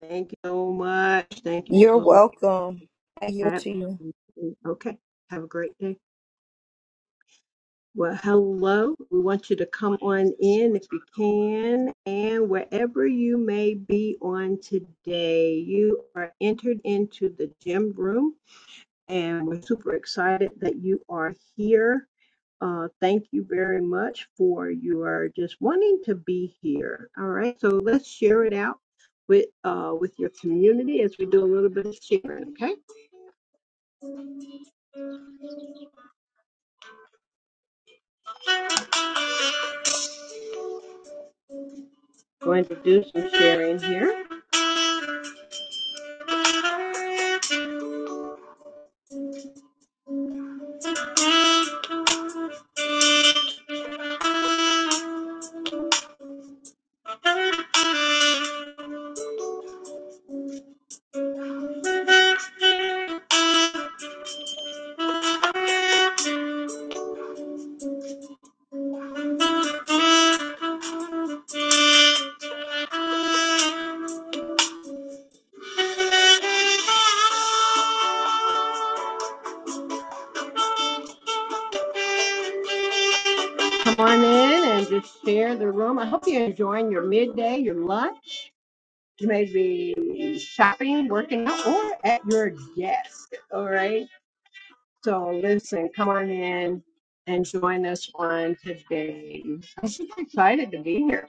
Thank you so much. Thank you You're so much. welcome. I yield to you. Absolutely. Okay. Have a great day. Well, hello. We want you to come on in if you can. And wherever you may be on today, you are entered into the gym room and we're super excited that you are here. Uh, thank you very much for your just wanting to be here. All right, so let's share it out with uh, with your community as we do a little bit of sharing. Okay, going to do some sharing here. Come on in and just share the room. I hope you're enjoying your midday, your lunch. You may be shopping, working out, or at your desk. All right. So listen, come on in and join us on today. I'm super excited to be here.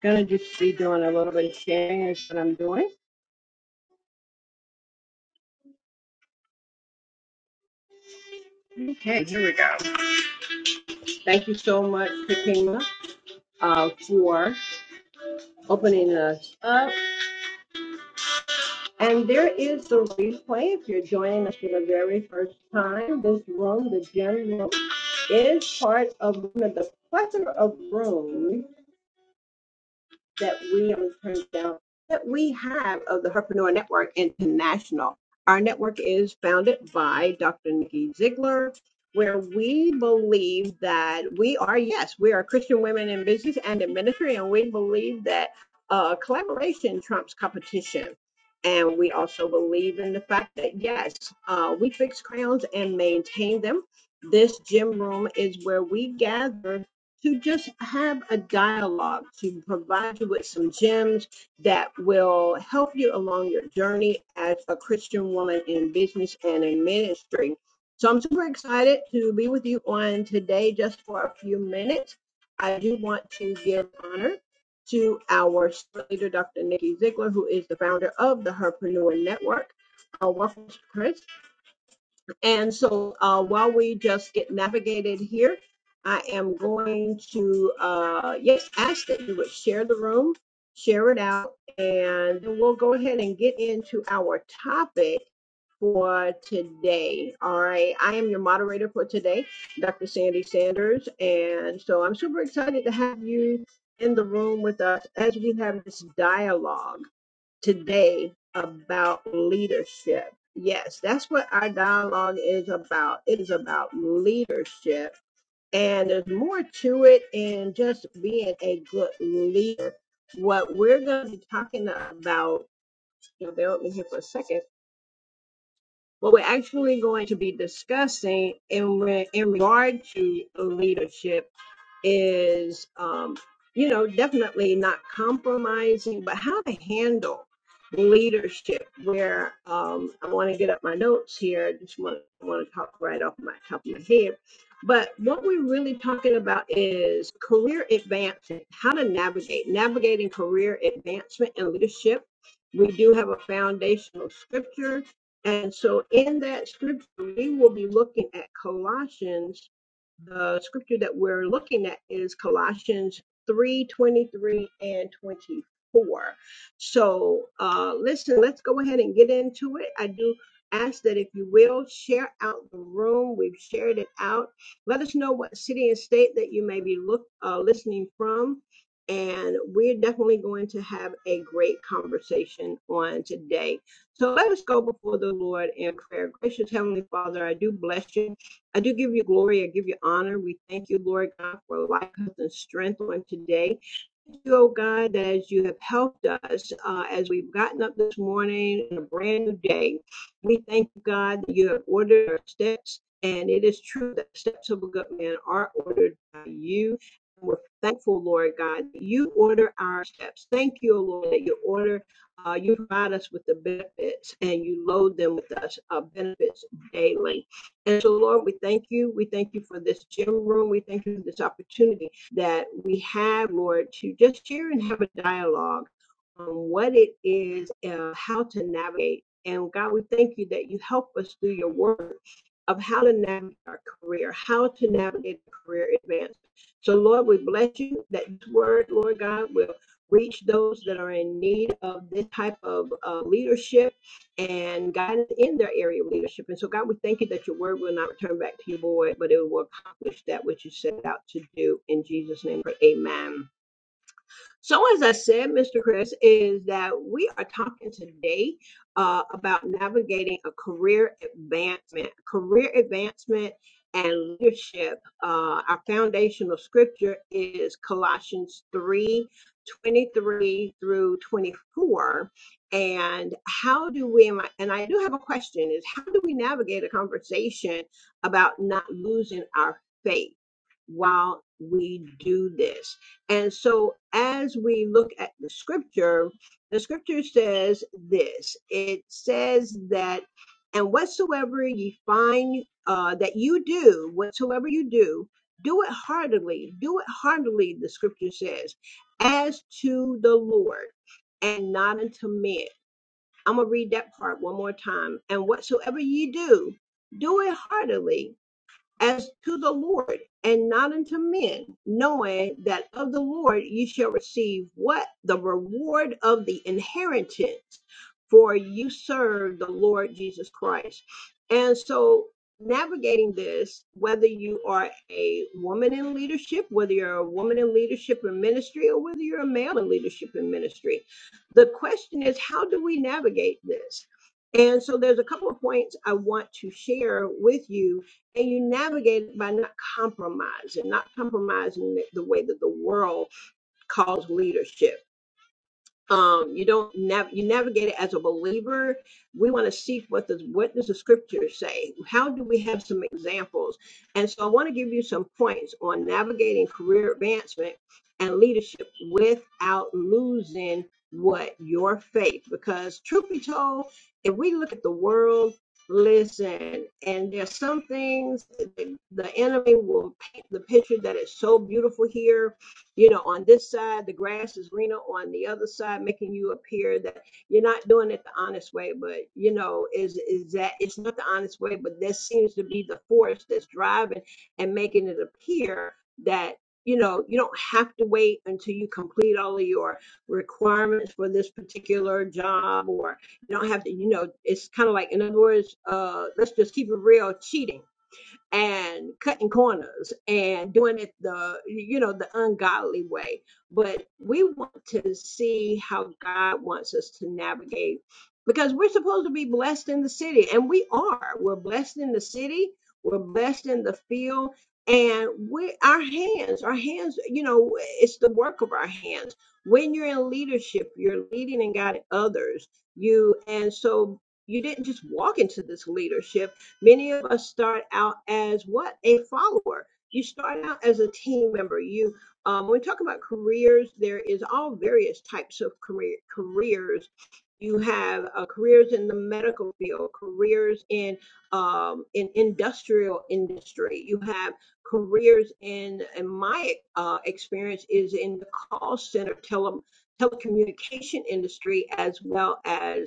Gonna just be doing a little bit of sharing is what I'm doing. Okay, here we go. Thank you so much, Kakima, uh, for opening us up. And there is a replay if you're joining us for the very first time. This room, the gym room, is part of one of the plethora of rooms that we that we have of the Herpreneur Network International. Our network is founded by Dr. Nikki Ziegler, where we believe that we are, yes, we are Christian women in business and in ministry, and we believe that uh, collaboration trumps competition. And we also believe in the fact that, yes, uh, we fix crowns and maintain them. This gym room is where we gather to just have a dialogue to provide you with some gems that will help you along your journey as a Christian woman in business and in ministry. So I'm super excited to be with you on today just for a few minutes. I do want to give honor to our leader, Dr. Nikki Ziegler, who is the founder of the Herpreneur Network. Uh, welcome, Chris. And so uh, while we just get navigated here, I am going to, uh, yes, ask that you would share the room, share it out, and then we'll go ahead and get into our topic for today. All right. I am your moderator for today, Dr. Sandy Sanders. And so I'm super excited to have you in the room with us as we have this dialogue today about leadership. Yes, that's what our dialogue is about. It is about leadership. And there's more to it than just being a good leader. What we're going to be talking about, you know, bear with me here for a second what we're actually going to be discussing in re- in regard to leadership is um, you know definitely not compromising, but how to handle leadership. Where um, I want to get up my notes here. I just want to want to talk right off my top of my head. But what we're really talking about is career advancement, how to navigate, navigating career advancement and leadership. We do have a foundational scripture and so in that scripture, we will be looking at Colossians the scripture that we're looking at is Colossians 3 23 and 24. So, uh, listen, let's go ahead and get into it. I do ask that if you will share out the room, we've shared it out. Let us know what city and state that you may be look, uh, listening from. And we're definitely going to have a great conversation on today. So let us go before the Lord in prayer. Gracious Heavenly Father, I do bless you. I do give you glory. I give you honor. We thank you, Lord God, for life, health, and strength on today. Thank you, oh God, that as you have helped us uh, as we've gotten up this morning in a brand new day, we thank you, God, that you have ordered our steps. And it is true that the steps of a good man are ordered by you. we're thankful, Lord God, that you order our steps. Thank you, oh Lord, that you order, uh, you provide us with the benefits and you load them with us uh, benefits daily. And so, Lord, we thank you. We thank you for this gym room. We thank you for this opportunity that we have, Lord, to just share and have a dialogue on what it is, uh, how to navigate. And God, we thank you that you help us through your word of how to navigate our career, how to navigate career advancement. So, Lord, we bless you that this word, Lord God, will reach those that are in need of this type of uh, leadership and guidance in their area of leadership. And so, God, we thank you that your word will not return back to you void, but it will accomplish that which you set out to do. In Jesus' name, amen. So, as I said, Mr. Chris, is that we are talking today uh, about navigating a career advancement, career advancement and leadership. Uh, our foundational scripture is Colossians 3 23 through 24. And how do we, and I do have a question is how do we navigate a conversation about not losing our faith? while we do this. And so, as we look at the scripture, the scripture says this it says that, and whatsoever ye find uh, that you do, whatsoever you do, do it heartily. Do it heartily, the scripture says, as to the Lord and not unto men. I'm going to read that part one more time. And whatsoever ye do, do it heartily as to the Lord and not unto men, knowing that of the Lord you shall receive what? The reward of the inheritance, for you serve the Lord Jesus Christ. And so, navigating this, whether you are a woman in leadership, whether you're a woman in leadership in ministry, or whether you're a male in leadership in ministry, the question is how do we navigate this? And so there's a couple of points I want to share with you and you navigate it by not compromising, not compromising the way that the world calls leadership um you don't nav- you navigate it as a believer we want to seek what does what does the scriptures say how do we have some examples and so i want to give you some points on navigating career advancement and leadership without losing what your faith because truth be told if we look at the world listen and there's some things that the the enemy will paint the picture that is so beautiful here you know, on this side, the grass is greener on the other side, making you appear that you're not doing it the honest way, but you know, is is that it's not the honest way, but that seems to be the force that's driving and making it appear that you know you don't have to wait until you complete all of your requirements for this particular job or you don't have to you know it's kind of like in other words uh let's just keep it real cheating and cutting corners and doing it the you know the ungodly way but we want to see how god wants us to navigate because we're supposed to be blessed in the city and we are we're blessed in the city we're blessed in the field and we our hands our hands you know it's the work of our hands when you're in leadership you're leading and guiding others you and so you didn't just walk into this leadership Many of us start out as what? A follower. You start out as a team member. You, um, when we talk about careers, there is all various types of career, careers. You have uh, careers in the medical field, careers in um, in industrial industry. You have careers in, in my uh, experience is in the call center tele, telecommunication industry as well as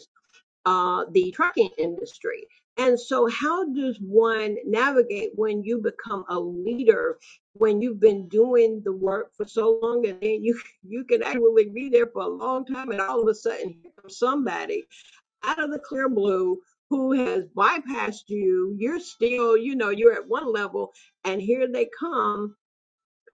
uh, the trucking industry. And so, how does one navigate when you become a leader, when you've been doing the work for so long, and then you you can actually be there for a long time, and all of a sudden, here comes somebody out of the clear blue who has bypassed you. You're still, you know, you're at one level, and here they come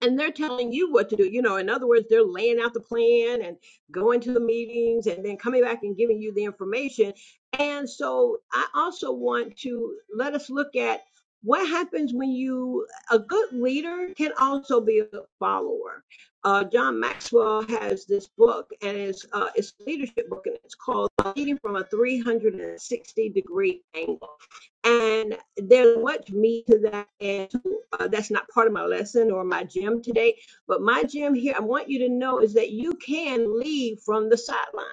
and they're telling you what to do. You know, in other words, they're laying out the plan and going to the meetings and then coming back and giving you the information. And so I also want to let us look at what happens when you, a good leader can also be a follower. Uh, John Maxwell has this book and it's, uh, it's a leadership book and it's called Leading from a 360 degree angle and there's much meat to that. And uh, that's not part of my lesson or my gym today, but my gym here, I want you to know is that you can leave from the sideline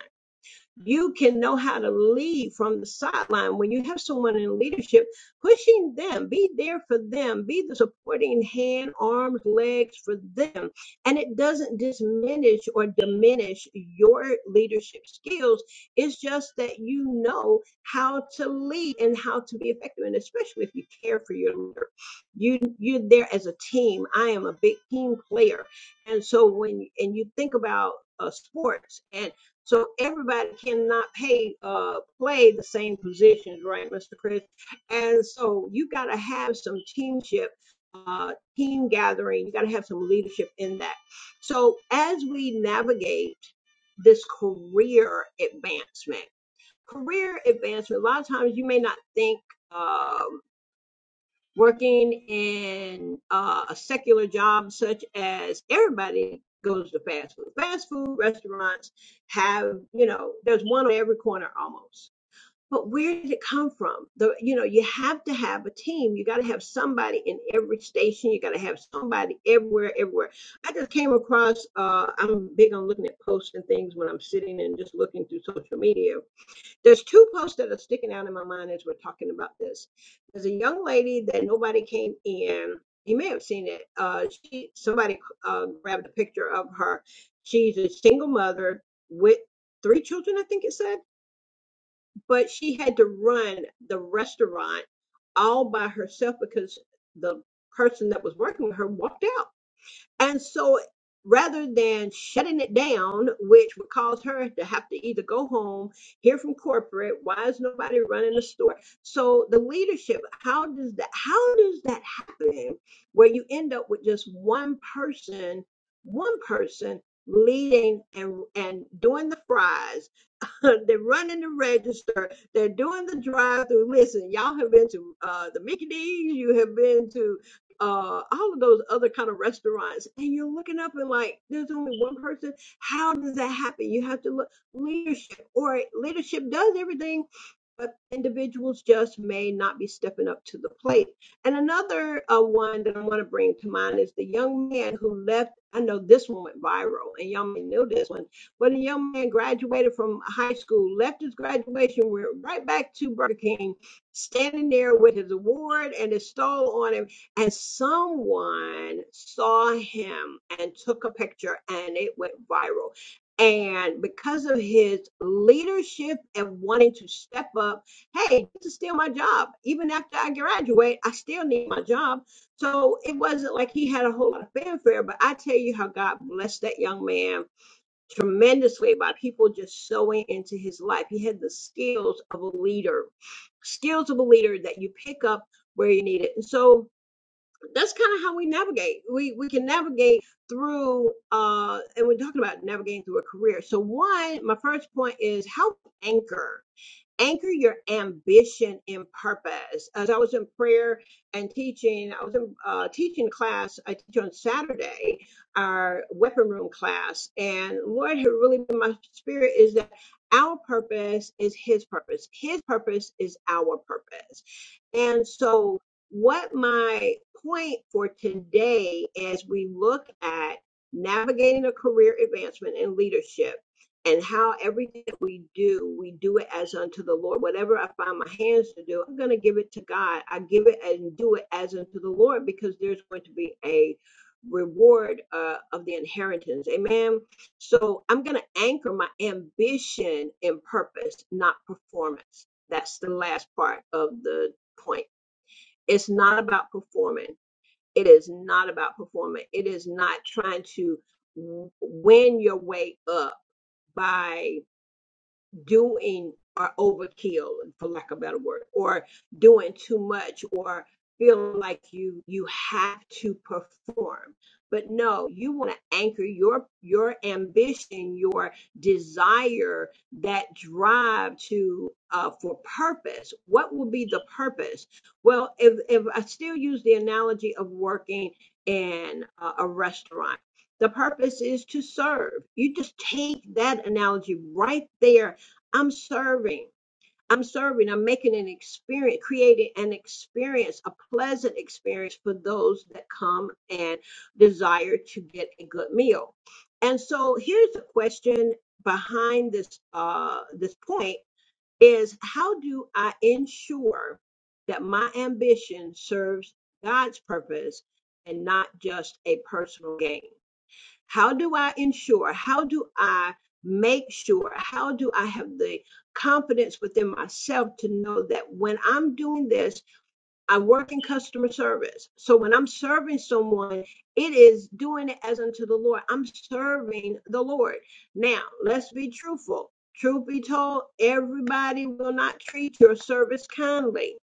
you can know how to lead from the sideline when you have someone in leadership pushing them be there for them be the supporting hand arms legs for them and it doesn't diminish or diminish your leadership skills it's just that you know how to lead and how to be effective and especially if you care for your leader you you're there as a team i am a big team player and so when and you think about uh, sports and so everybody cannot pay uh, play the same positions, right, Mr. Chris? And so you got to have some teamship, uh, team gathering. You got to have some leadership in that. So as we navigate this career advancement, career advancement. A lot of times you may not think. um, working in uh, a secular job such as everybody goes to fast food. Fast food restaurants have, you know, there's one on every corner almost. But where did it come from? The, you know, you have to have a team. You got to have somebody in every station. You got to have somebody everywhere, everywhere. I just came across. Uh, I'm big on looking at posts and things when I'm sitting and just looking through social media there's two posts that are sticking out in my mind as we're talking about this. There's a young lady that nobody came in. You may have seen it. Uh, she somebody uh, grabbed a picture of her. She's a single mother with three children, I think it said, but she had to run the restaurant all by herself because the person that was working with her walked out and so rather than shutting it down, which would cause her to have to either go home, hear from corporate, why is nobody running the store? So the leadership, how does that how does that happen where you end up with just one person, one person leading and and doing the fries they're running the register. They're doing the drive-through. Listen, y'all have been to uh, the Mickey D's. You have been to uh, all of those other kind of restaurants, and you're looking up and like, there's only one person. How does that happen? You have to look leadership, or leadership does everything. But individuals just may not be stepping up to the plate. And another uh, one that I want to bring to mind is the young man who left. I know this one went viral, and y'all may know this one when the young man graduated from high school, left his graduation, went right back to Burger King, standing there with his award and his stole on him. And someone saw him and took a picture, and it went viral. And because of his leadership and wanting to step up, hey, this is still my job. Even after I graduate, I still need my job. So it wasn't like he had a whole lot of fanfare, but I tell you how God blessed that young man Tremendously by people just sowing into his life. He had the skills of a leader, skills of a leader that you pick up where you need it. And so that's kind of how we navigate. We we can navigate through uh and we're talking about navigating through a career. So one, my first point is help anchor anchor your ambition in purpose. As I was in prayer and teaching, I was in uh, teaching class. I teach on Saturday, our weapon room class, and Lord had really been my spirit is that our purpose is His purpose. His purpose is our purpose, and so what my point for today, as we look at navigating a career advancement in leadership and how everything that we do, we do it as unto the Lord. Whatever I find my hands to do, I'm going to give it to God. I give it and do it as unto the Lord because there's going to be a reward uh, of the inheritance. Amen. So I'm going to anchor my ambition in purpose, not performance. That's the last part of the point. It's not about performing. It is not about performing. It is not trying to w- win your way up by doing are overkill for lack of a better word or doing too much or feeling like you you have to perform but no you want to anchor your your ambition your desire that drive to uh, for purpose what will be the purpose well if, if i still use the analogy of working in a, a restaurant the purpose is to serve you just take that analogy right there I'm serving. I'm serving. I'm making an experience, creating an experience, a pleasant experience for those that come and desire to get a good meal. And so here's the question behind this uh, this point is how do I ensure that my ambition serves God's purpose and not just a personal gain? How do I ensure? How do I make sure? How do I have the confidence within myself to know that when I'm doing this, I work in customer service. So when I'm serving someone, it is doing it as unto the Lord. I'm serving the Lord. Now, let's be truthful. Truth be told, everybody will not treat your service kindly.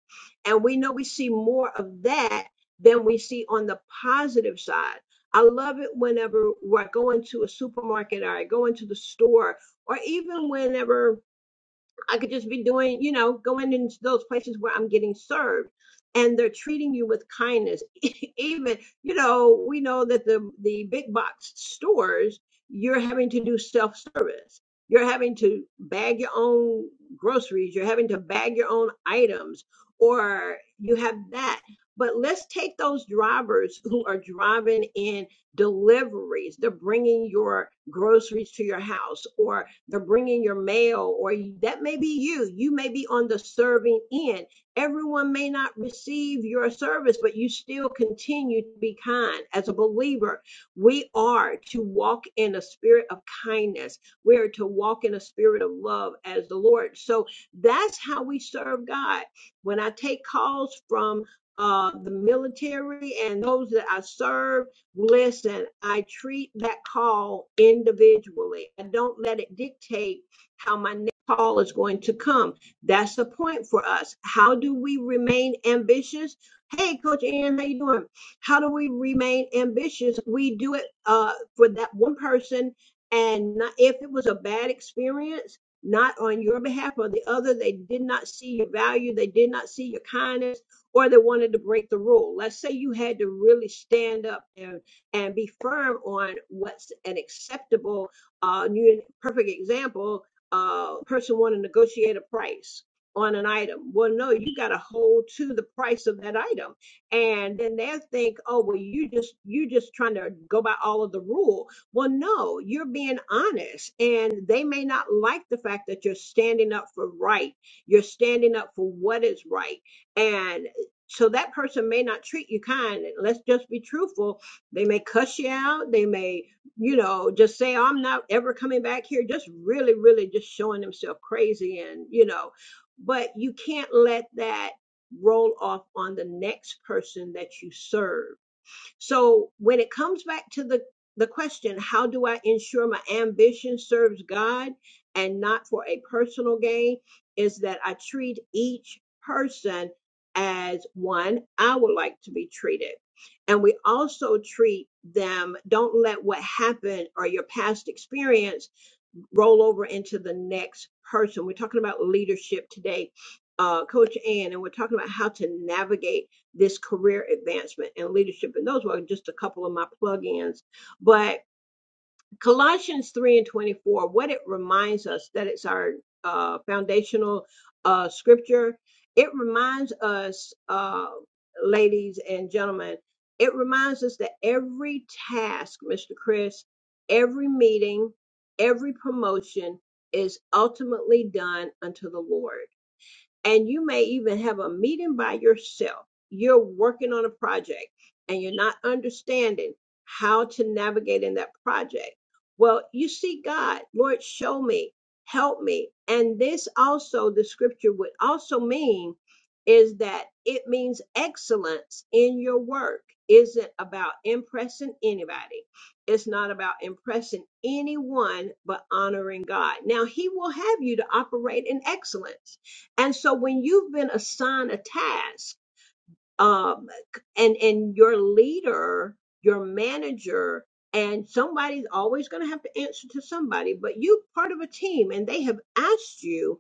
And we know we see more of that than we see on the positive side. I love it whenever I go into a supermarket or I go into the store or even whenever I could just be doing, you know, going into those places where I'm getting served and they're treating you with kindness. Even, you know, we know that the the big box stores, you're having to do self-service. You're having to bag your own groceries, you're having to bag your own items or you have that. But let's take those drivers who are driving in deliveries. They're bringing your groceries to your house or the bringing your mail, or that may be you. You may be on the serving end. Everyone may not receive your service, but you still continue to be kind. As a believer, we are to walk in a spirit of kindness. We are to walk in a spirit of love as the Lord. So that's how we serve God. When I take calls from uh, the military and those that I serve, Listen, I treat that call individually. I don't let it dictate how my next call is going to come. That's the point for us. How do we remain ambitious? Hey, Coach Ann, how you doing? How do we remain ambitious? We do it uh, for that one person, and not, if it was a bad experience, not on your behalf or the other, they did not see your value, they did not see your kindness, or they wanted to break the rule. Let's say you had to really stand up and and be firm on what's an acceptable uh new perfect example uh person want to negotiate a price on an item well no you got to hold to the price of that item and then they'll think oh well you just you just trying to go by all of the rule well no you're being honest and they may not like the fact that you're standing up for right you're standing up for what is right and so that person may not treat you kind let's just be truthful they may cuss you out. They may, you know, just say, I'm not ever coming back here. Just really, really just showing themselves crazy and, you know, but you can't let that roll off on the next person that you serve so when it comes back to the the question, how do I ensure my ambition serves God and not for a personal gain? Is that I treat each person as one I would like to be treated. And we also treat them, don't let what happened or your past experience roll over into the next person. We're talking about leadership today, uh, Coach Ann, and we're talking about how to navigate this career advancement and leadership. And those were just a couple of my plug-ins, but Colossians 3 and 24, what it reminds us that it's our uh, foundational uh, scripture, it reminds us, uh, ladies and gentlemen, it reminds us that every task, Mr. Chris, every meeting, every promotion is ultimately done unto the Lord and you may even have a meeting by yourself. You're working on a project and you're not understanding how to navigate in that project. Well, you see God, Lord, show me, help me. And this also, the scripture would also mean is that it means excellence in your work isn't about impressing anybody. It's not about impressing anyone, but honoring God. Now, He will have you to operate in excellence and so when you've been assigned a task, um, and and your leader, your manager, and somebody's always going to have to answer to somebody. But you part of a team, and they have asked you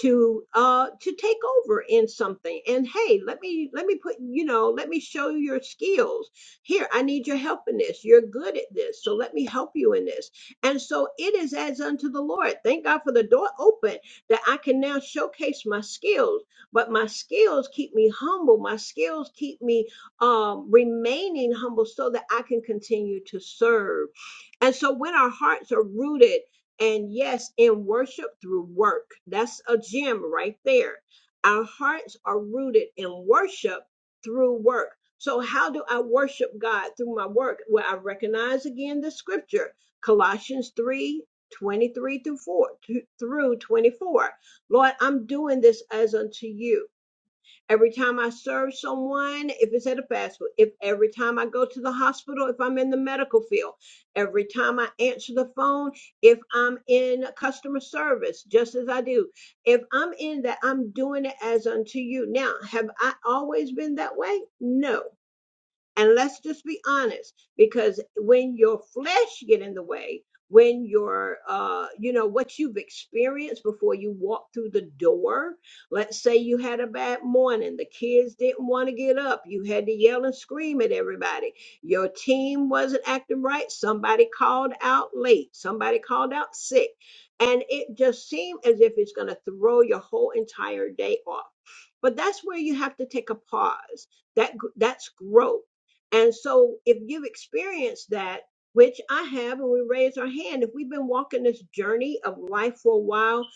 to uh to take over in something. And hey, let me let me put you know let me show you your skills. Here, I need your help in this. You're good at this, so let me help you in this. And so it is as unto the Lord. Thank God for the door open that I can now showcase my skills but my skills keep me humble. My skills keep me um, remaining humble so that I can continue to serve. And so when our hearts are rooted, and yes, in worship through work, that's a gem right there. Our hearts are rooted in worship through work. So, how do I worship God through my work? Well, I recognize again the scripture, Colossians 3 23 through 4 through 24 Lord, I'm doing this as unto you. Every time I serve someone, if it's at a fast food, if every time I go to the hospital, if I'm in the medical field, every time I answer the phone, if I'm in customer service, just as I do, if I'm in that, I'm doing it as unto you. Now, have I always been that way? No. And let's just be honest, because when your flesh get in the way, when your uh you know what you've experienced before you walk through the door, let's say you had a bad morning, the kids didn't want to get up, you had to yell and scream at everybody. Your team wasn't acting right, somebody called out late, somebody called out sick, and it just seemed as if it's going to throw your whole entire day off. But that's where you have to take a pause that gr- that's growth and so, if you've experienced that, which I have, and we raise our hand, if we've been walking this journey of life for a while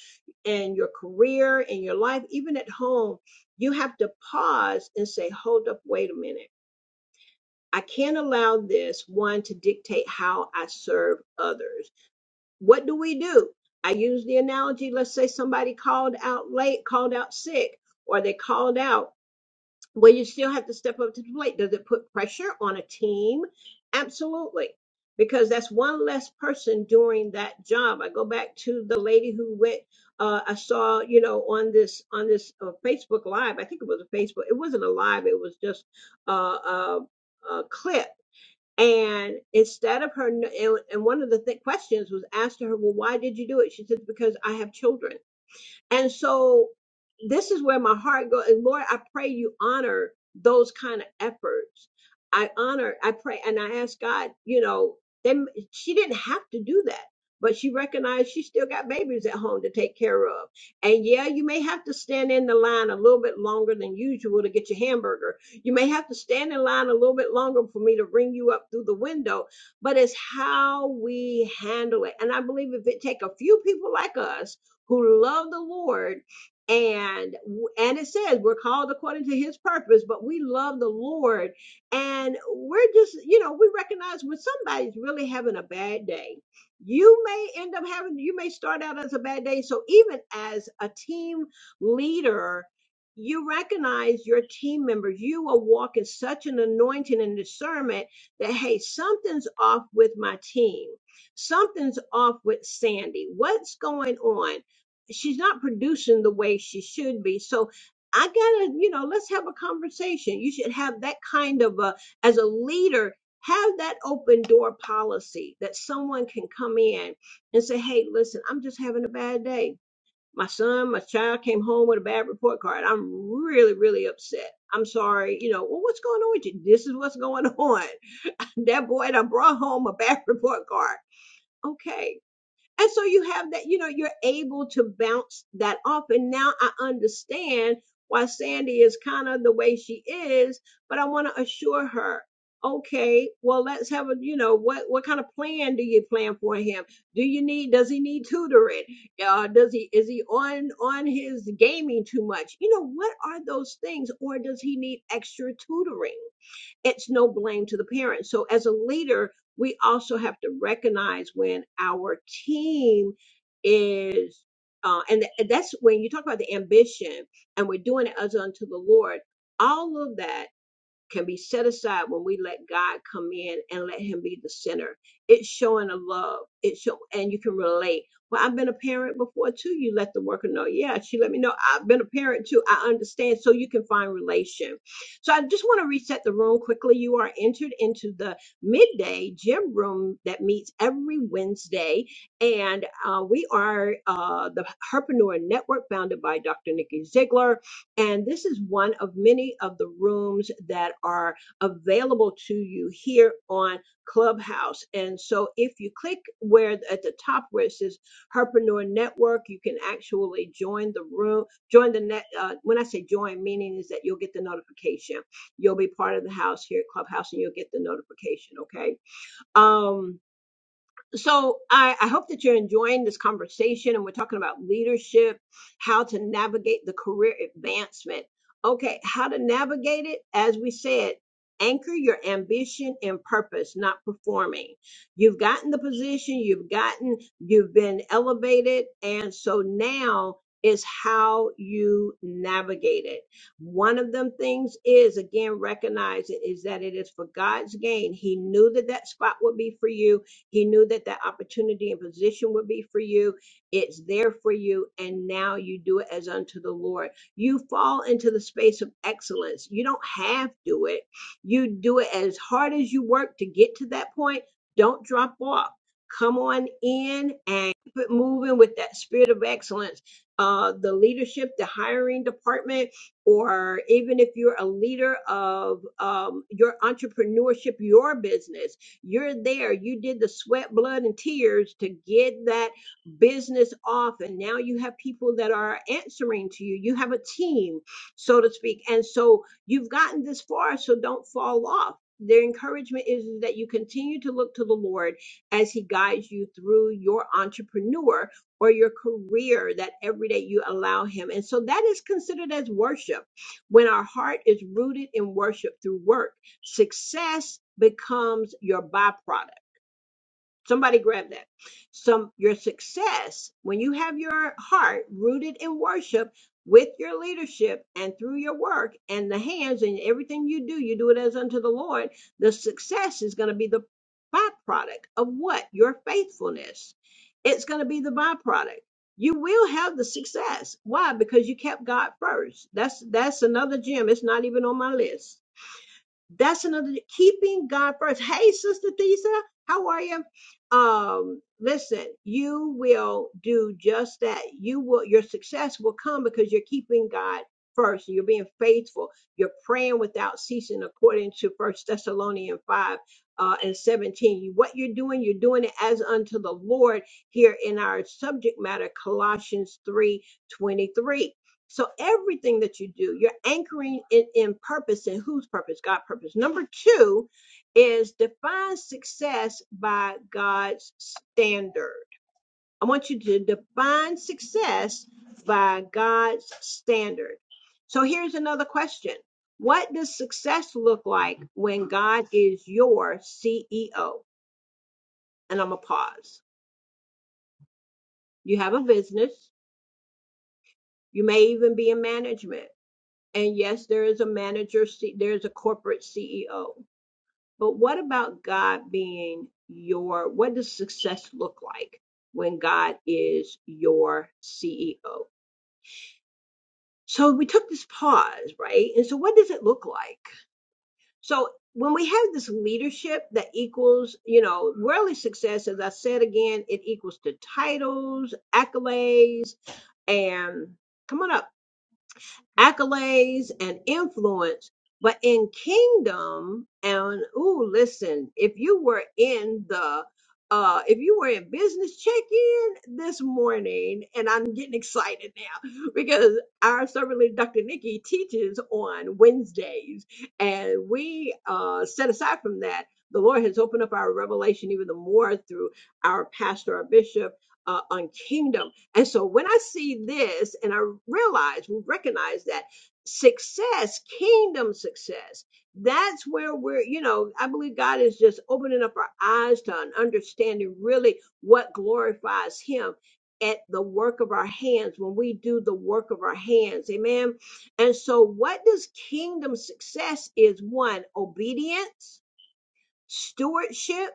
and your career and your life, even at home, you have to pause and say, hold up, wait a minute. I can't allow this one to dictate how I serve others. What do we do? I use the analogy let's say somebody called out late, called out sick, or they called out well, you still have to step up to the plate. Does it put pressure on a team? Absolutely. Because that's one less person doing that job. I go back to the lady who went. Uh, I saw, you know, on this on this uh, Facebook Live. I think it was a Facebook. It wasn't a live. It was just uh, a, a clip. And instead of her, and and one of the th- questions was asked to her, well, why did you do it? She said, because I have children. And so this is where my heart goes. And Lord, I pray you honor those kind of efforts. I honor, I pray, and I ask God, you know, then she didn't have to do that. But she recognized she still got babies at home to take care of. And yeah, you may have to stand in the line a little bit longer than usual to get your hamburger. You may have to stand in line a little bit longer for me to ring you up through the window. But it's how we handle it. And I believe if it take a few people like us who love the Lord and and it says we're called according to his purpose but we love the lord and we're just you know we recognize when somebody's really having a bad day you may end up having you may start out as a bad day so even as a team leader you recognize your team members you are walking such an anointing and discernment that hey something's off with my team something's off with sandy what's going on she's not producing the way she should be. So I gotta, you know, let's have a conversation. You should have that kind of a, as a leader, have that open door policy that someone can come in and say, Hey, listen, I'm just having a bad day. My son, my child came home with a bad report card. I'm really, really upset. I'm sorry. You know, well, what's going on with you? This is what's going on. That boy that brought home a bad report card. Okay and so you have that, you know, you're able to bounce that off. And now I understand why Sandy is kind of the way she is, but I want to assure her, okay, well, let's have a, you know, what, what kind of plan do you plan for him? Do you need, does he need tutoring? Uh, does he, is he on, on his gaming too much? You know, what are those things? Or does he need extra tutoring? it's no blame to the parents. So as a leader, we also have to recognize when our team is, uh, and th- that's when you talk about the ambition and we're doing it as unto the Lord, all of that can be set aside when we let God come in and let Him be the center. It's showing a love. It's show, and you can relate. Well, I've been a parent before too. You let the worker know. Yeah, she let me know. I've been a parent too. I understand. So you can find relation. So I just want to reset the room quickly. You are entered into the midday gym room that meets every Wednesday, and uh, we are uh, the Herpreneur Network, founded by Dr. Nikki Ziegler and this is one of many of the rooms that are available to you here on Clubhouse. And so if you click where at the top where it says Herpreneur Network, you can actually join the room, join the net. Uh, when I say join, meaning is that you'll get the notification. You'll be part of the house here at Clubhouse and you'll get the notification. Okay. Um, so I, I hope that you're enjoying this conversation and we're talking about leadership how to navigate the career advancement okay how to navigate it as we said anchor your ambition and purpose not performing you've gotten the position you've gotten you've been elevated and so now is how you navigate it. One of them things is again recognizing is that it is for God's gain. He knew that that spot would be for you he knew that that opportunity and position would be for you. It's there for you. And now you do it as unto the Lord. You fall into the space of excellence. You don't have to do it. You do it as hard as you work to get to that point. Don't drop off. Come on in and keep it moving with that spirit of excellence. Uh, the leadership, the hiring department, or even if you're a leader of um, your entrepreneurship, your business you're there. You did the sweat, blood, and tears to get that business off. And now you have people that are answering to you. You have a team, so to speak. And so you've gotten this far, so don't fall off. Their encouragement is that you continue to look to the Lord as He guides you through your entrepreneur or your career that every day you allow Him. And so that is considered as worship when our heart is rooted in worship through work. Success becomes your byproduct. Somebody grab that. Some your success when you have your heart rooted in worship with your leadership and through your work and the hands and everything you do, you do it as unto the Lord. The success is going to be the byproduct of what? Your faithfulness. It's going to be the byproduct. You will have the success. Why? Because you kept God first. That's that's another gem. It's not even on my list that's another keeping God first. Hey, Sister Thesa, how are you? Um, listen, you will do just that. You will your success will come because you're keeping God first. You're being faithful. You're praying without ceasing, according to First Thessalonians five uh, and seventeen. You- What you're doing, you're doing it as unto the Lord. Here in our subject matter, Colossians three twenty three. So everything that you do, you're anchoring it in purpose and whose purpose? God purpose. Number two is define success by God's standard. I want you to define success by God's standard. So here's another question. What does success look like when God is your CEO? And I'm gonna pause. You have a business. You may even be in management. And yes, there is a manager, there's a corporate CEO. But what about God being your, what does success look like when God is your CEO? So we took this pause, right? And so what does it look like? So when we have this leadership that equals, you know, worldly success, as I said again, it equals to titles, accolades, and come on up accolades and influence. But in kingdom, and ooh, listen, if you were in the uh, if you were in business check-in this morning, and I'm getting excited now because our servant leader, Dr. Nikki, teaches on Wednesdays, and we uh, set aside from that, the Lord has opened up our revelation even the more through our pastor, our bishop, uh, on kingdom. And so when I see this and I realize, we recognize that success, kingdom success, that's where we're, you know, I believe God is just opening up our eyes to an understanding really what glorifies Him at the work of our hands when we do the work of our hands. Amen. And so what does kingdom success is one, obedience, stewardship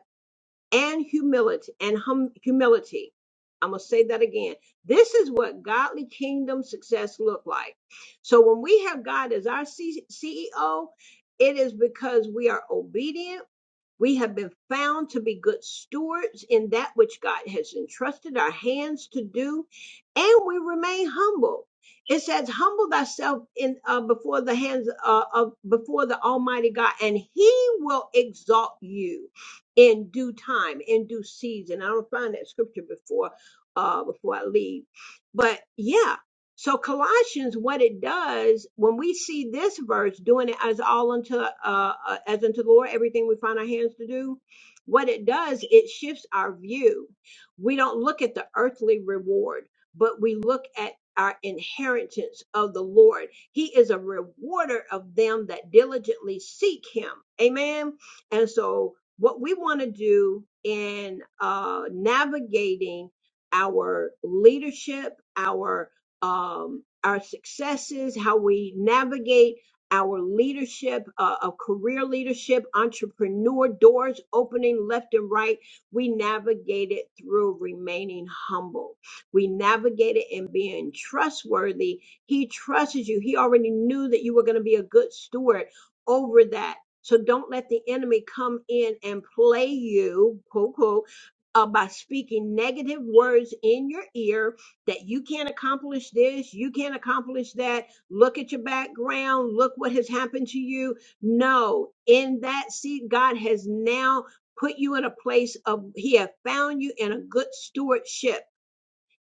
and humility and hum, humility. I'm going to say that again. This is what godly kingdom success look like. So when we have God as our C- CEO, it is because we are obedient we have been found to be good stewards in that which God has entrusted our hands to do, and we remain humble. It says, "Humble thyself in uh, before the hands uh, of before the Almighty God, and He will exalt you in due time, in due season." I don't find that scripture before uh, before I leave, but yeah, so Colossians, what it does when we see this verse doing it as all unto uh, uh, as unto the Lord, everything we find our hands to do, what it does, it shifts our view. We don't look at the earthly reward, but we look at our inheritance of the Lord. He is a rewarder of them that diligently seek Him. Amen. And so, what we want to do in uh, navigating our leadership, our um, our successes, how we navigate our leadership, uh, of career leadership, entrepreneur doors opening left and right. We navigate it through remaining humble. We navigate it in being trustworthy. He trusts you. He already knew that you were going to be a good steward over that. So don't let the enemy come in and play you, quote, quote, uh, by speaking negative words in your ear that you can't accomplish this, you can't accomplish that. Look at your background, look what has happened to you. No, in that seat, God has now put you in a place of, He have found you in a good stewardship.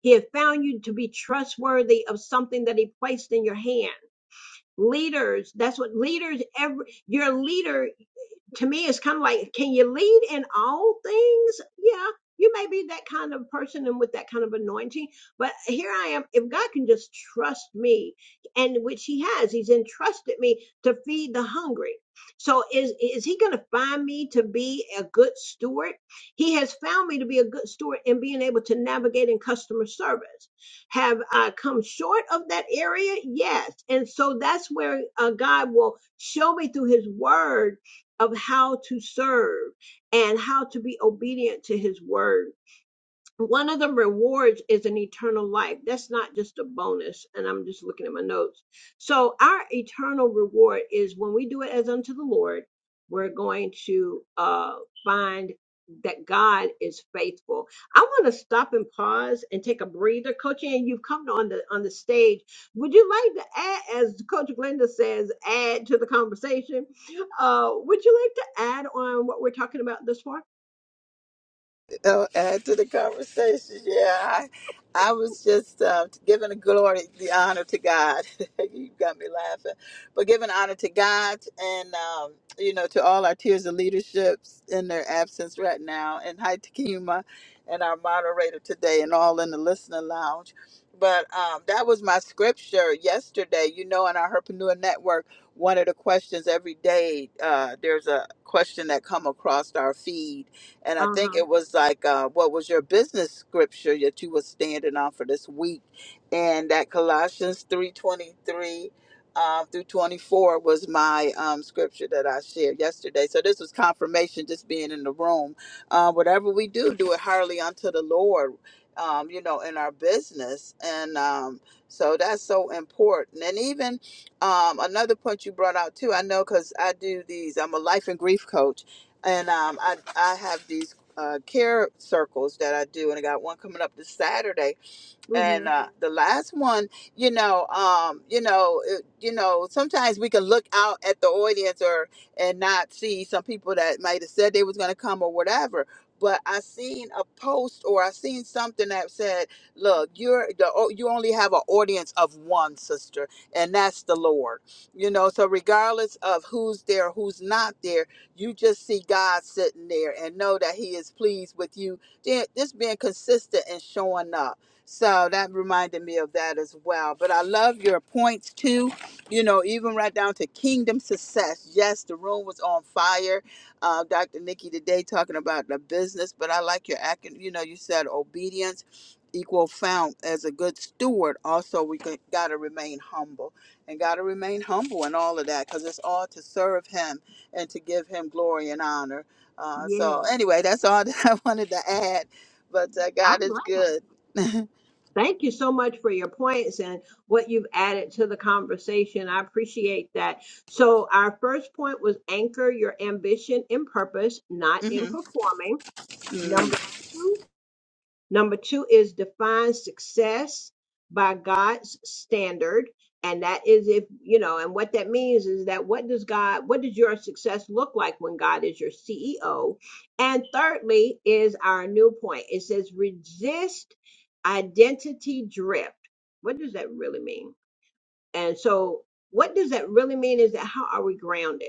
He have found you to be trustworthy of something that He placed in your hand. Leaders, that's what leaders, every, your leader to me it's kind of like can you lead in all things yeah you may be that kind of person and with that kind of anointing but here i am if god can just trust me and which he has he's entrusted me to feed the hungry so is is he going to find me to be a good steward he has found me to be a good steward in being able to navigate in customer service have i come short of that area yes and so that's where uh, god will show me through his word of how to serve and how to be obedient to his word one of the rewards is an eternal life. That's not just a bonus. And I'm just looking at my notes. So our eternal reward is when we do it as unto the Lord, we're going to uh, find that God is faithful. I want to stop and pause and take a breather. Coach Ann, you've come on the on the stage. Would you like to add, as Coach Glenda says, add to the conversation? Uh, would you like to add on what we're talking about this far? uh, add to the conversation. Yeah, I, I was just uh, giving the glory, the honor to God. you got me laughing, but giving honor to God and um, you know to all our tiers of leaderships in their absence right now, and hi to Kima and our moderator today, and all in the listener lounge. But um, that was my scripture yesterday. You know, in our Herpreneur Network, one of the questions every day, uh, there's a question that come across our feed and I Uh think huh. it was like, uh, what was your business scripture that you were standing on for this week? And that Colossians three twenty three uh, through twenty four was my um, scripture that I shared yesterday. So this was confirmation, just being in the room. Uh, whatever we do, do it heartily unto the Lord. Um, you know, in our business, and um, so that's so important. And even um, another point you brought out too, I know because I do these. I'm a life and grief coach, and um, I I have these uh, care circles that I do, and I got one coming up this Saturday and Mm-hmm. uh, the last one, you know, um, you know, it, you know, sometimes we can look out at the audience or and not see some people that might have said they was going to come or whatever. But I seen a post or I seen something that said, "Look, you're the o- you only have an audience of one sister, and that's the Lord." You know, so regardless of who's there, who's not there, you just see God sitting there and know that He is pleased with you. Then- Just being consistent and showing up so that reminded me of that as well. But I love your points too, you know, even right down to kingdom success. Yes, the room was on fire. Uh, Dr. Nikki today talking about the business, but I like your acting, you know, you said obedience equal found as a good steward. Also, we got to remain humble and got to remain humble and all of that because it's all to serve him and to give him glory and honor. Uh, so anyway, that's all that I wanted to add, but uh, I'm God is glad. good. Thank you so much for your points and what you've added to the conversation. I appreciate that. So, our first point was anchor your ambition in purpose, not in Mm-hmm. performing. Number Mm. two Number two is define success by God's standard. And that is if, you know, and what that means is that what does God, what does your success look like when God is your CEO? And thirdly is our new point. It says resist identity drift. What does that really mean? And so, what does that really mean is that how are we grounded?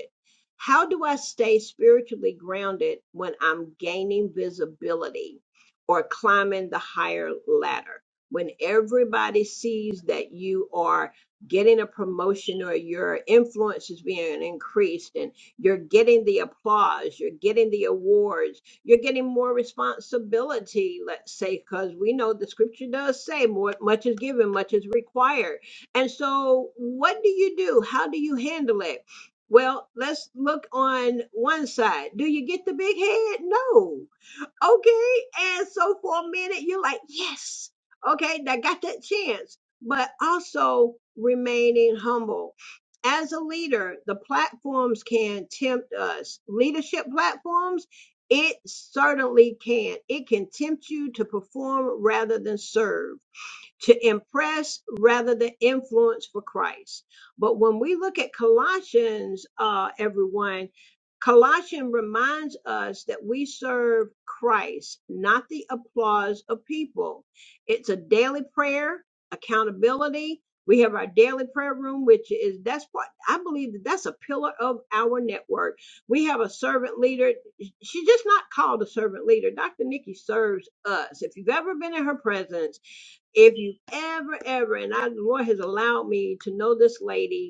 How do I stay spiritually grounded when I'm gaining visibility or climbing the higher ladder? When everybody sees that you are getting a promotion or your influence is being increased and you're getting the applause, you're getting the awards, you're getting more responsibility, let's say, because we know the scripture does say more, much is given, much is required and so, what do you do? How do you handle it? Well, let's look on one side. Do you get the big head? No. Okay. And so, for a minute, you're like, yes. Okay. I got that chance. But also remaining humble. As a leader, the platforms can tempt us. Leadership platforms, it certainly can. It can tempt you to perform rather than serve to impress rather than influence for Christ. But when we look at Colossians, uh, everyone, Colossians reminds us that we serve Christ, not the applause of people. It's a daily prayer, accountability. We have our daily prayer room, which is that's what I believe that that's a pillar of our network. We have a servant leader. She's just not called a servant leader. Dr. Nikki serves us. If you've ever been in her presence, if you ever, ever, and I, the Lord has allowed me to know this lady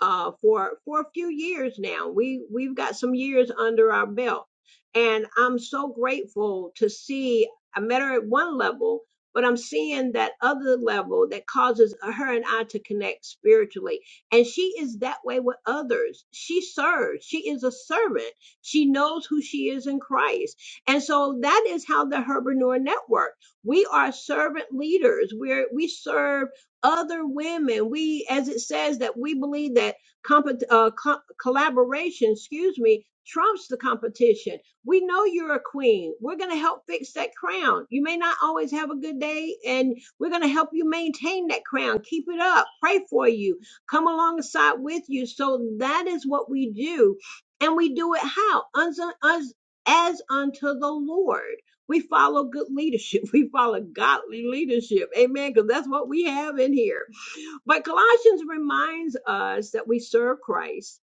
uh, for for a few years now. We we've got some years under our belt, and I'm so grateful to see. I met her at one level, but I'm seeing that other level that causes her and I to connect spiritually. And she is that way with others. She serves. She is a servant. She knows who she is in Christ. And so that is how the Herbeneur Network. We are servant leaders. We're we serve other women. We, as it says, that we believe that compet uh, co- collaboration, excuse me, trumps the competition. We know you're a queen. We're going to help fix that crown. You may not always have a good day, and we're going to help you maintain that crown. Keep it up. Pray for you. Come alongside with you. So that is what we do. And we do it how? Uns- us- as unto the Lord. We follow good leadership. We follow godly leadership. Amen. Because that's what we have in here. But Colossians reminds us that we serve Christ,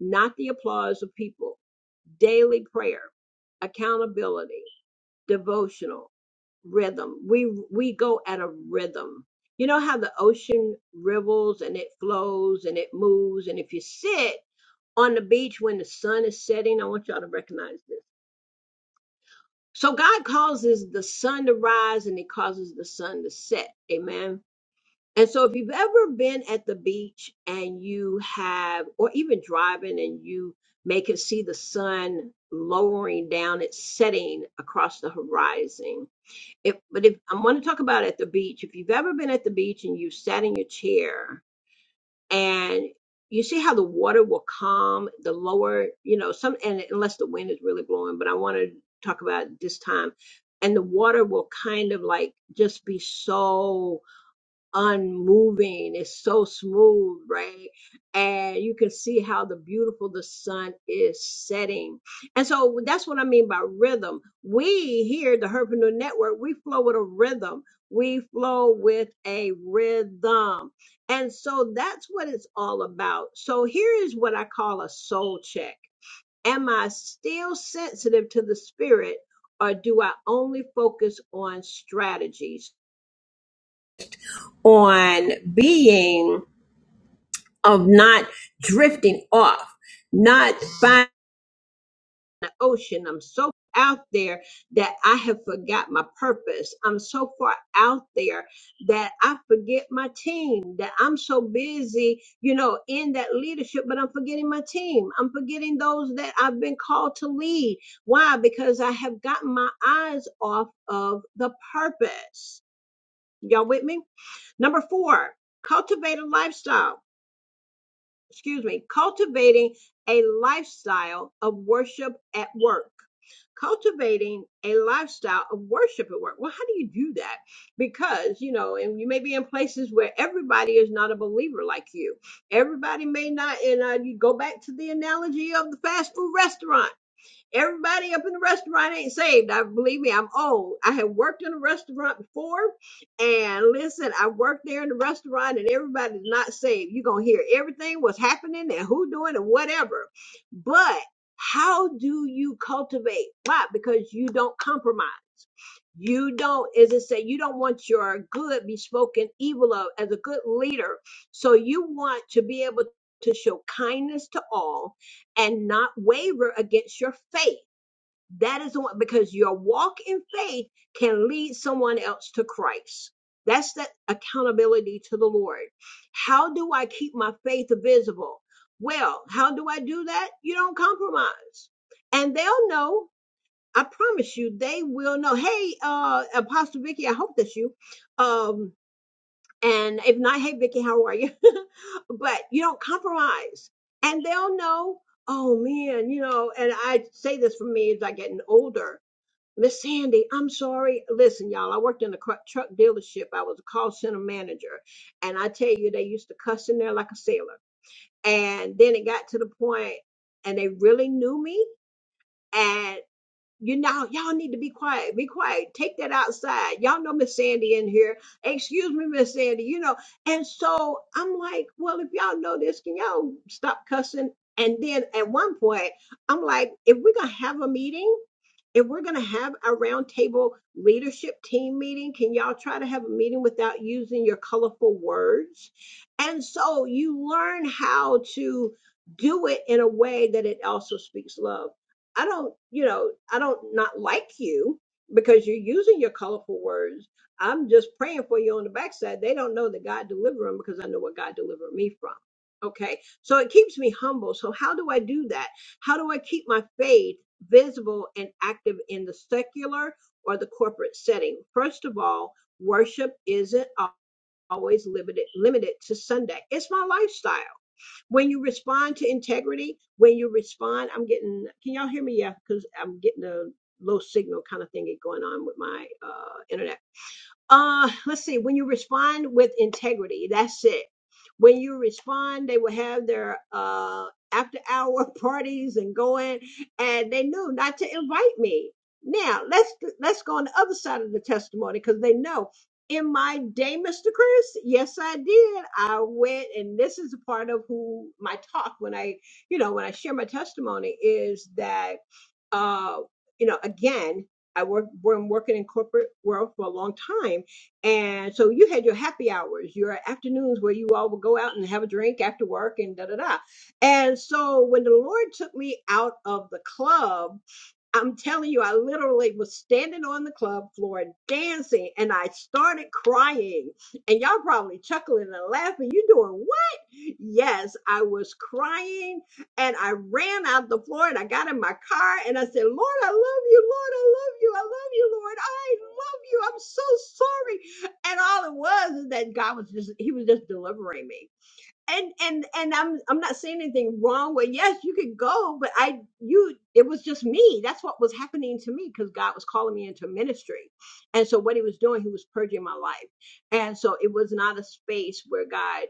not the applause of people. Daily prayer, accountability, devotional, rhythm. We we go at a rhythm. You know how the ocean rivels and it flows and it moves. And if you sit on the beach when the sun is setting, I want y'all to recognize this So God causes the sun to rise and He causes the sun to set. Amen. And so if you've ever been at the beach and you have, or even driving and you may can see the sun lowering down, it's setting across the horizon. If, but if I want to talk about at the beach, if you've ever been at the beach and you sat in your chair and you see how the water will calm the lower you know some and unless the wind is really blowing but i want to talk about this time and the water will kind of like just be so unmoving. It's so smooth, right? And you can see how the beautiful the sun is setting. And so that's what I mean by rhythm. We here, the Herpreneur Network, we flow with a rhythm. We flow with a rhythm. And so that's what it's all about. So here is what I call a soul check. Am I still sensitive to the spirit or do I only focus on strategies? On being of not drifting off, not finding the ocean. I'm so out there that I have forgot my purpose. I'm so far out there that I forget my team, that I'm so busy, you know, in that leadership, but I'm forgetting my team. I'm forgetting those that I've been called to lead. Why? Because I have gotten my eyes off of the purpose. Y'all with me? Number four, cultivate a lifestyle. excuse me, cultivating a lifestyle of worship at work. Cultivating a lifestyle of worship at work. Well, how do you do that? Because, you know, and you may be in places where everybody is not a believer like you. Everybody may not, and uh, you go back to the analogy of the fast food restaurant. Everybody up in the restaurant ain't saved. I believe me, I'm old. I have worked in a restaurant before, and listen, I worked there in the restaurant, and everybody's not saved. You're gonna hear everything what's happening and who doing and whatever. But how do you cultivate? Why? Because you don't compromise. You don't, as it say, you don't want your good be spoken evil of as a good leader. So you want to be able to show kindness to all and not waver against your faith. That is the one because your walk in faith can lead someone else to Christ. That's that accountability to the Lord. How do I keep my faith visible? Well, how do I do that? You don't compromise. And they'll know. I promise you, they will know. Hey, uh, Apostle Vicky, I hope that's you. Um, and if not, hey Vicky, how are you? but you don't compromise, and they'll know. Oh man, you know. And I say this for me as I getting older. Miss Sandy, I'm sorry. Listen, y'all, I worked in a cru- truck dealership. I was a call center manager, and I tell you, they used to cuss in there like a sailor. And then it got to the point, and they really knew me. and you know, y'all need to be quiet. Be quiet. Take that outside. Y'all know Miss Sandy in here. Excuse me, Miss Sandy, you know. And so I'm like, well, if y'all know this, can y'all stop cussing? And then at one point, I'm like, if we're going to have a meeting, if we're going to have a roundtable leadership team meeting, can y'all try to have a meeting without using your colorful words? And so you learn how to do it in a way that it also speaks love. I don't, you know, I don't not like you because you're using your colorful words. I'm just praying for you on the backside. They don't know that God delivered them because I know what God delivered me from. Okay. So it keeps me humble. So how do I do that? How do I keep my faith? visible and active in the secular or the corporate setting. First of all, worship isn't always limited limited to Sunday. It's my lifestyle. When you respond to integrity, when you respond, I'm getting can y'all hear me? Yeah, because I'm getting a low signal kind of thing going on with my uh internet uh, let's see. When you respond with integrity, that's it. When you respond, they will have their uh after hour parties and going, and they knew not to invite me. Now let's let's go on the other side of the testimony because they know. In my day, Mr. Chris, yes, I did. I went, and this is a part of who my talk when I, you know, when I share my testimony is that, uh, you know, again. I work been working in corporate world for a long time. And so you had your happy hours, your afternoons where you all would go out and have a drink after work and da da da. And so when the Lord took me out of the club I'm telling you, I literally was standing on the club floor dancing and I started crying. And y'all probably chuckling and laughing. You doing what? Yes, I was crying and I ran out the floor and I got in my car and I said, Lord, I love you. Lord, I love you. I love you, Lord. I love you. I'm so sorry. And all it was is that God was just, He was just delivering me and and and I'm I'm not saying anything wrong with yes, you could go, but I you it was just me. That's what was happening to me because God was calling me into ministry. And so what he was doing, he was purging my life. And so it was not a space where God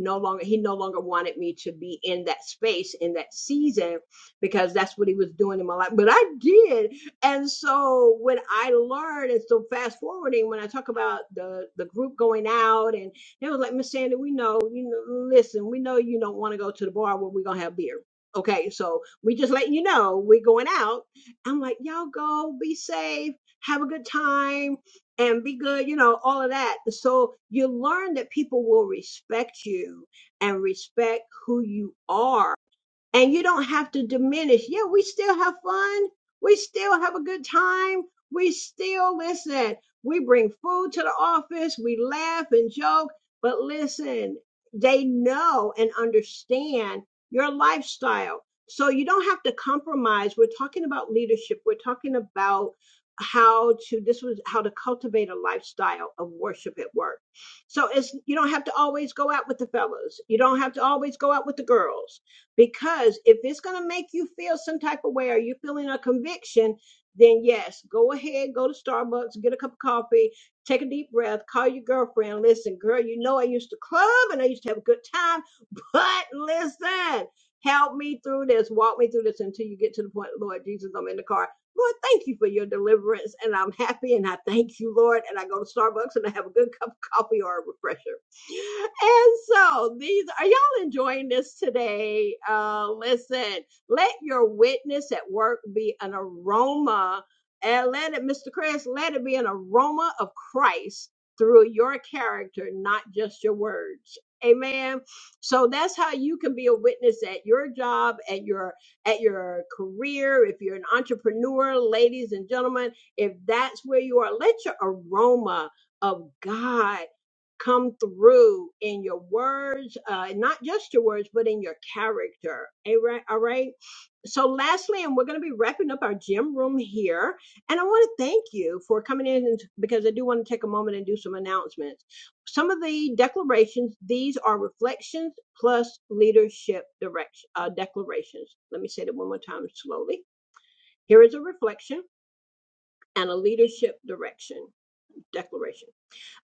no longer he no longer wanted me to be in that space in that season because that's what he was doing in my life but i did and so when i learned and so fast forwarding when i talk about the the group going out and. They was like, Miss Sandy, we know, you know, listen, we know you don't want to go to the bar where we're gonna have beer. Okay, so we just letting you know we're going out. I'm like, y'all go, be safe, have a good time, and be good, you know, all of that. So you learn that people will respect you and respect who you are and you don't have to diminish. Yeah, we still have fun. We still have a good time. We still listen. We bring food to the office. We laugh and joke. But listen, they know and understand your lifestyle. So you don't have to compromise. We're talking about leadership. We're talking about how to this was how to cultivate a lifestyle of worship at work. So it's you don't have to always go out with the fellas. You don't have to always go out with the girls because if it's going to make you feel some type of way or you're feeling a conviction, then yes, go ahead, go to Starbucks, get a cup of coffee, take a deep breath, call your girlfriend. Listen, girl, you know I used to club and I used to have a good time, but listen, help me through this, walk me through this until you get to the point, Lord Jesus, I'm in the car. Lord, thank you for your deliverance, and I'm happy, and I thank you, Lord. And I go to Starbucks and I have a good cup of coffee or a refresher. And so these are y'all enjoying this today? Uh listen, let your witness at work be an aroma. And let it, Mr. Chris, let it be an aroma of Christ through your character, not just your words. Amen. So that's how you can be a witness at your job, at your at your career, if you're an entrepreneur, ladies and gentlemen, if that's where you are, let your aroma of God come through in your words, uh, not just your words, but in your character. All right. All right. So, lastly, and we're going to be wrapping up our gym room here. And I want to thank you for coming in and, because I do want to take a moment and do some announcements. Some of the declarations, these are reflections plus leadership direction, uh, declarations. Let me say that one more time slowly. Here is a reflection and a leadership direction declaration.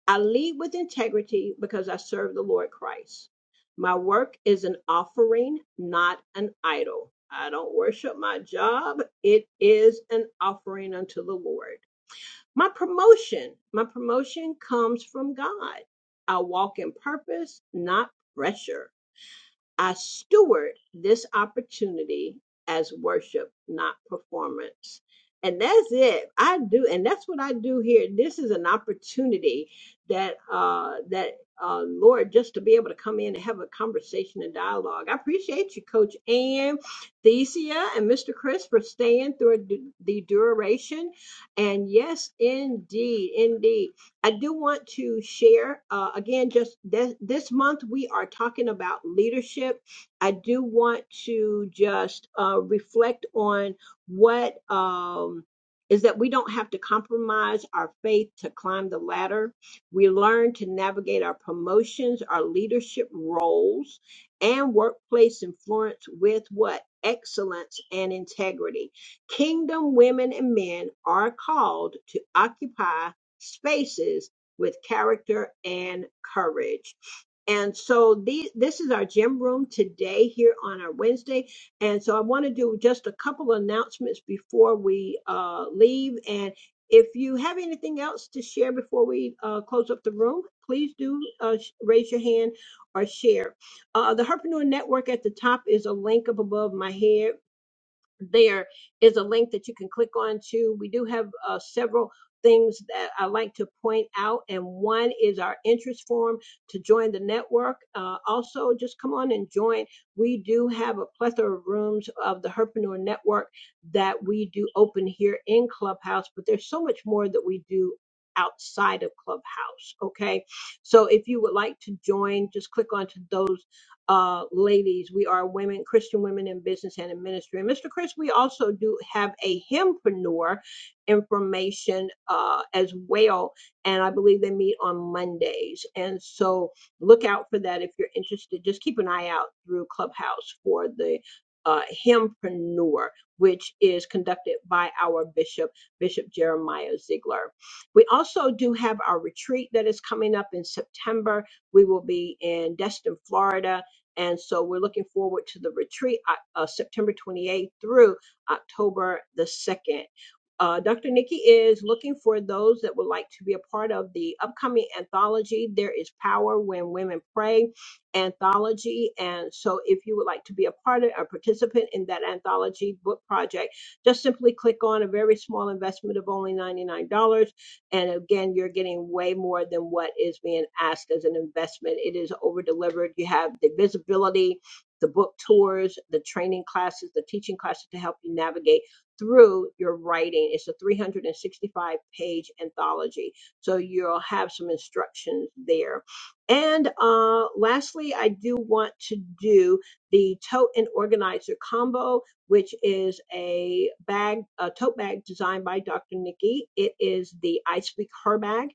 I lead with integrity because I serve the Lord Christ. My work is an offering, not an idol. I don't worship my job. It is an offering unto the Lord. My promotion, my promotion comes from God. I walk in purpose, not pressure. I steward this opportunity as worship, not performance. And that's it. I do, and that's what I do here. This is an opportunity that uh that uh Lord just to be able to come in and have a conversation and dialogue. I appreciate you, Coach Ann, Thesia, and Mr. Chris for staying through the the duration. And yes, indeed, indeed. I do want to share uh, again, just this, this month, we are talking about leadership. I do want to just uh, reflect on what um, is that we don't have to compromise our faith to climb the ladder. We learn to navigate our promotions, our leadership roles, and workplace influence with what? Excellence and integrity. Kingdom women and men are called to occupy spaces with character and courage. And so the, this is our gym room today here on our Wednesday. And so I want to do just a couple of announcements before we uh, leave. And if you have anything else to share before we uh, close up the room, please do uh, sh- raise your hand or share. Uh, the Herpreneur Network at the top is a link up above my head there is a link that you can click on to. We do have uh, several things that I like to point out, and one is our interest form to join the network. Uh, also, just come on and join. We do have a plethora of rooms of the Herpreneur Network that we do open here in Clubhouse, but there's so much more that we do outside of Clubhouse. Okay, so if you would like to join, just click onto those uh, ladies. We are women, Christian women in business and in ministry. And Mr. Chris, we also do have a hempreneur information uh, as well. And I believe they meet on Mondays. And so look out for that if you're interested. Just keep an eye out through Clubhouse for the uh, hempreneur, which is conducted by our bishop, Bishop Jeremiah Ziegler. We also do have our retreat that is coming up in September. We will be in Destin, Florida and so we're looking forward to the retreat, uh, uh, September 28th through October the 2nd. Uh, Dr. Nikki is looking for those that would like to be a part of the upcoming anthology, There is Power When Women Pray anthology. And so if you would like to be a part of, a participant in that anthology book project, just simply click on a very small investment of only $99 and again, you're getting way more than what is being asked as an investment. It is over delivered. You have the visibility, the book tours, the training classes, the teaching classes to help you navigate through your writing. It's a 365 page anthology. So you'll have some instructions there. And uh, lastly, I do want to do the tote and organizer combo which is a bag, a tote bag designed by Dr. Nikki. It is the I Speak Her bag.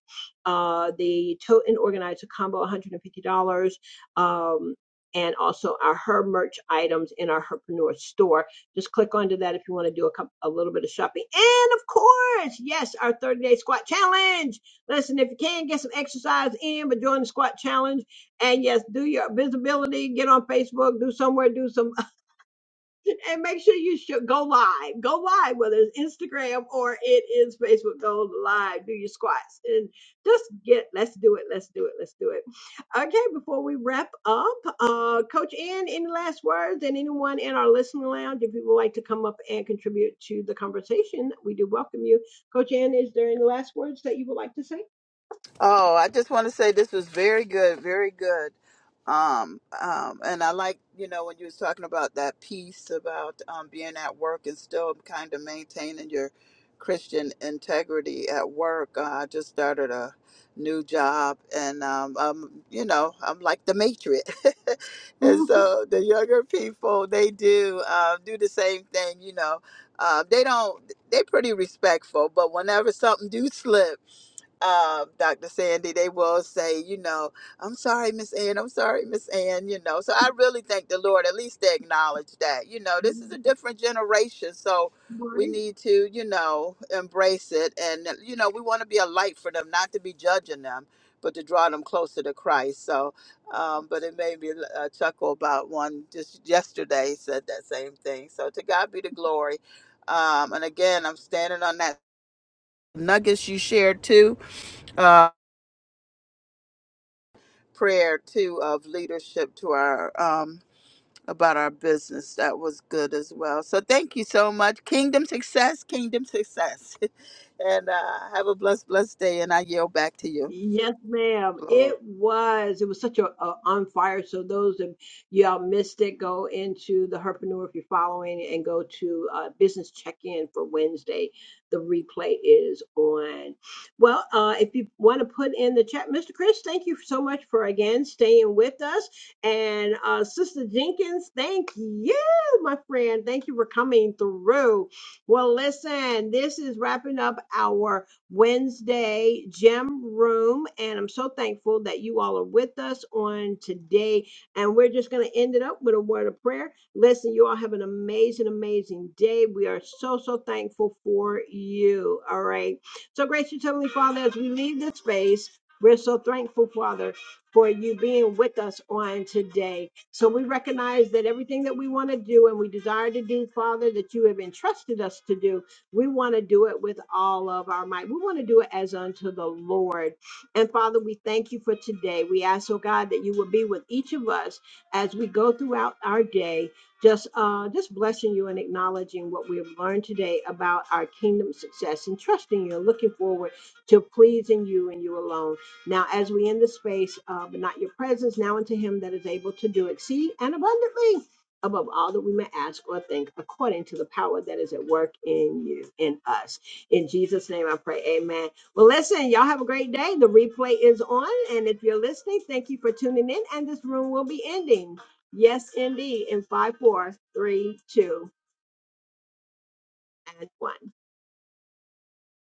Uh, the tote and organizer combo, $150. Um, and also our her merch items in our herpreneur store. Just click onto that if you want to do a, couple, a little bit of shopping. And of course, yes, our 30 day squat challenge. Listen, if you can get some exercise in, but join the squat challenge. And yes, do your visibility, get on Facebook, do somewhere, do some and make sure you should go live. Go live, whether it's Instagram or it is Facebook. Go live, do your squats, and just get. Let's do it. Let's do it. Let's do it. Okay, before we wrap up, uh, Coach Ann, any last words? And anyone in our listening lounge, if you would like to come up and contribute to the conversation, we do welcome you. Coach Ann, is there any last words that you would like to say? Oh, I just want to say this was very good, very good. Um, um, and I like, you know, when you was talking about that piece about um, being at work and still kind of maintaining your Christian integrity at work. Uh, I just started a new job, and um, um, you know, I'm like the matriarch, and so the younger people they do uh, do the same thing. You know, uh, they don't. They pretty respectful, but whenever something do slip. uh, Dr. Sandy, they will say, you know, I'm sorry, Miss Ann, I'm sorry, Miss Ann, you know. So I really thank the Lord, at least they acknowledge that, you know, this is a different generation. So Mhm. we need to, you know, embrace it. And, uh, you know, we want to be a light for them, not to be judging them, but to draw them closer to Christ. So, um, but it made me uh, chuckle about one just yesterday said that same thing. So to God be the glory. Um, and again, I'm standing on that nuggets you shared too. uh, prayer too of leadership to our um about our business that was good as well so thank you so much kingdom success kingdom success and uh have a blessed blessed day and i yield back to you Yes, ma'am. It was. It was such a, a on fire. So those of y'all missed it, go into the Herpreneur if you're following, and go to uh, business check in for Wednesday. The replay is on. Well, uh, if you want to put in the chat, Mr. Chris, thank you so much for again staying with us, and uh, Sister Jenkins, thank you, my friend. Thank you for coming through. Well, listen, this is wrapping up our. Wednesday Gem Room. And I'm so thankful that you all are with us on today. And we're just going to end it up with a word of prayer. Listen, you all have an amazing, amazing day. We are so, so thankful for you. All right. So, gracious Heavenly Father, as we leave this space, we're so thankful, Father, for you being with us on today. So we recognize that everything that we want to do and we desire to do, Father, that you have entrusted us to do. We want to do it with all of our might. We want to do it as unto the Lord. And Father, we thank you for today. We ask, oh God, that you will be with each of us as we go throughout our day, just uh, just blessing you and acknowledging what we have learned today about our kingdom success and trusting you and looking forward to pleasing you and you alone. Now, as we end the space, uh, but not your presence, now unto him that is able to do exceed and abundantly above all that we may ask or think, according to the power that is at work in you, in us. In Jesus' name I pray, amen. Well, listen, y'all have a great day. The replay is on. And if you're listening, thank you for tuning in. And this room will be ending. Yes, indeed. In five, four, three, two, and one.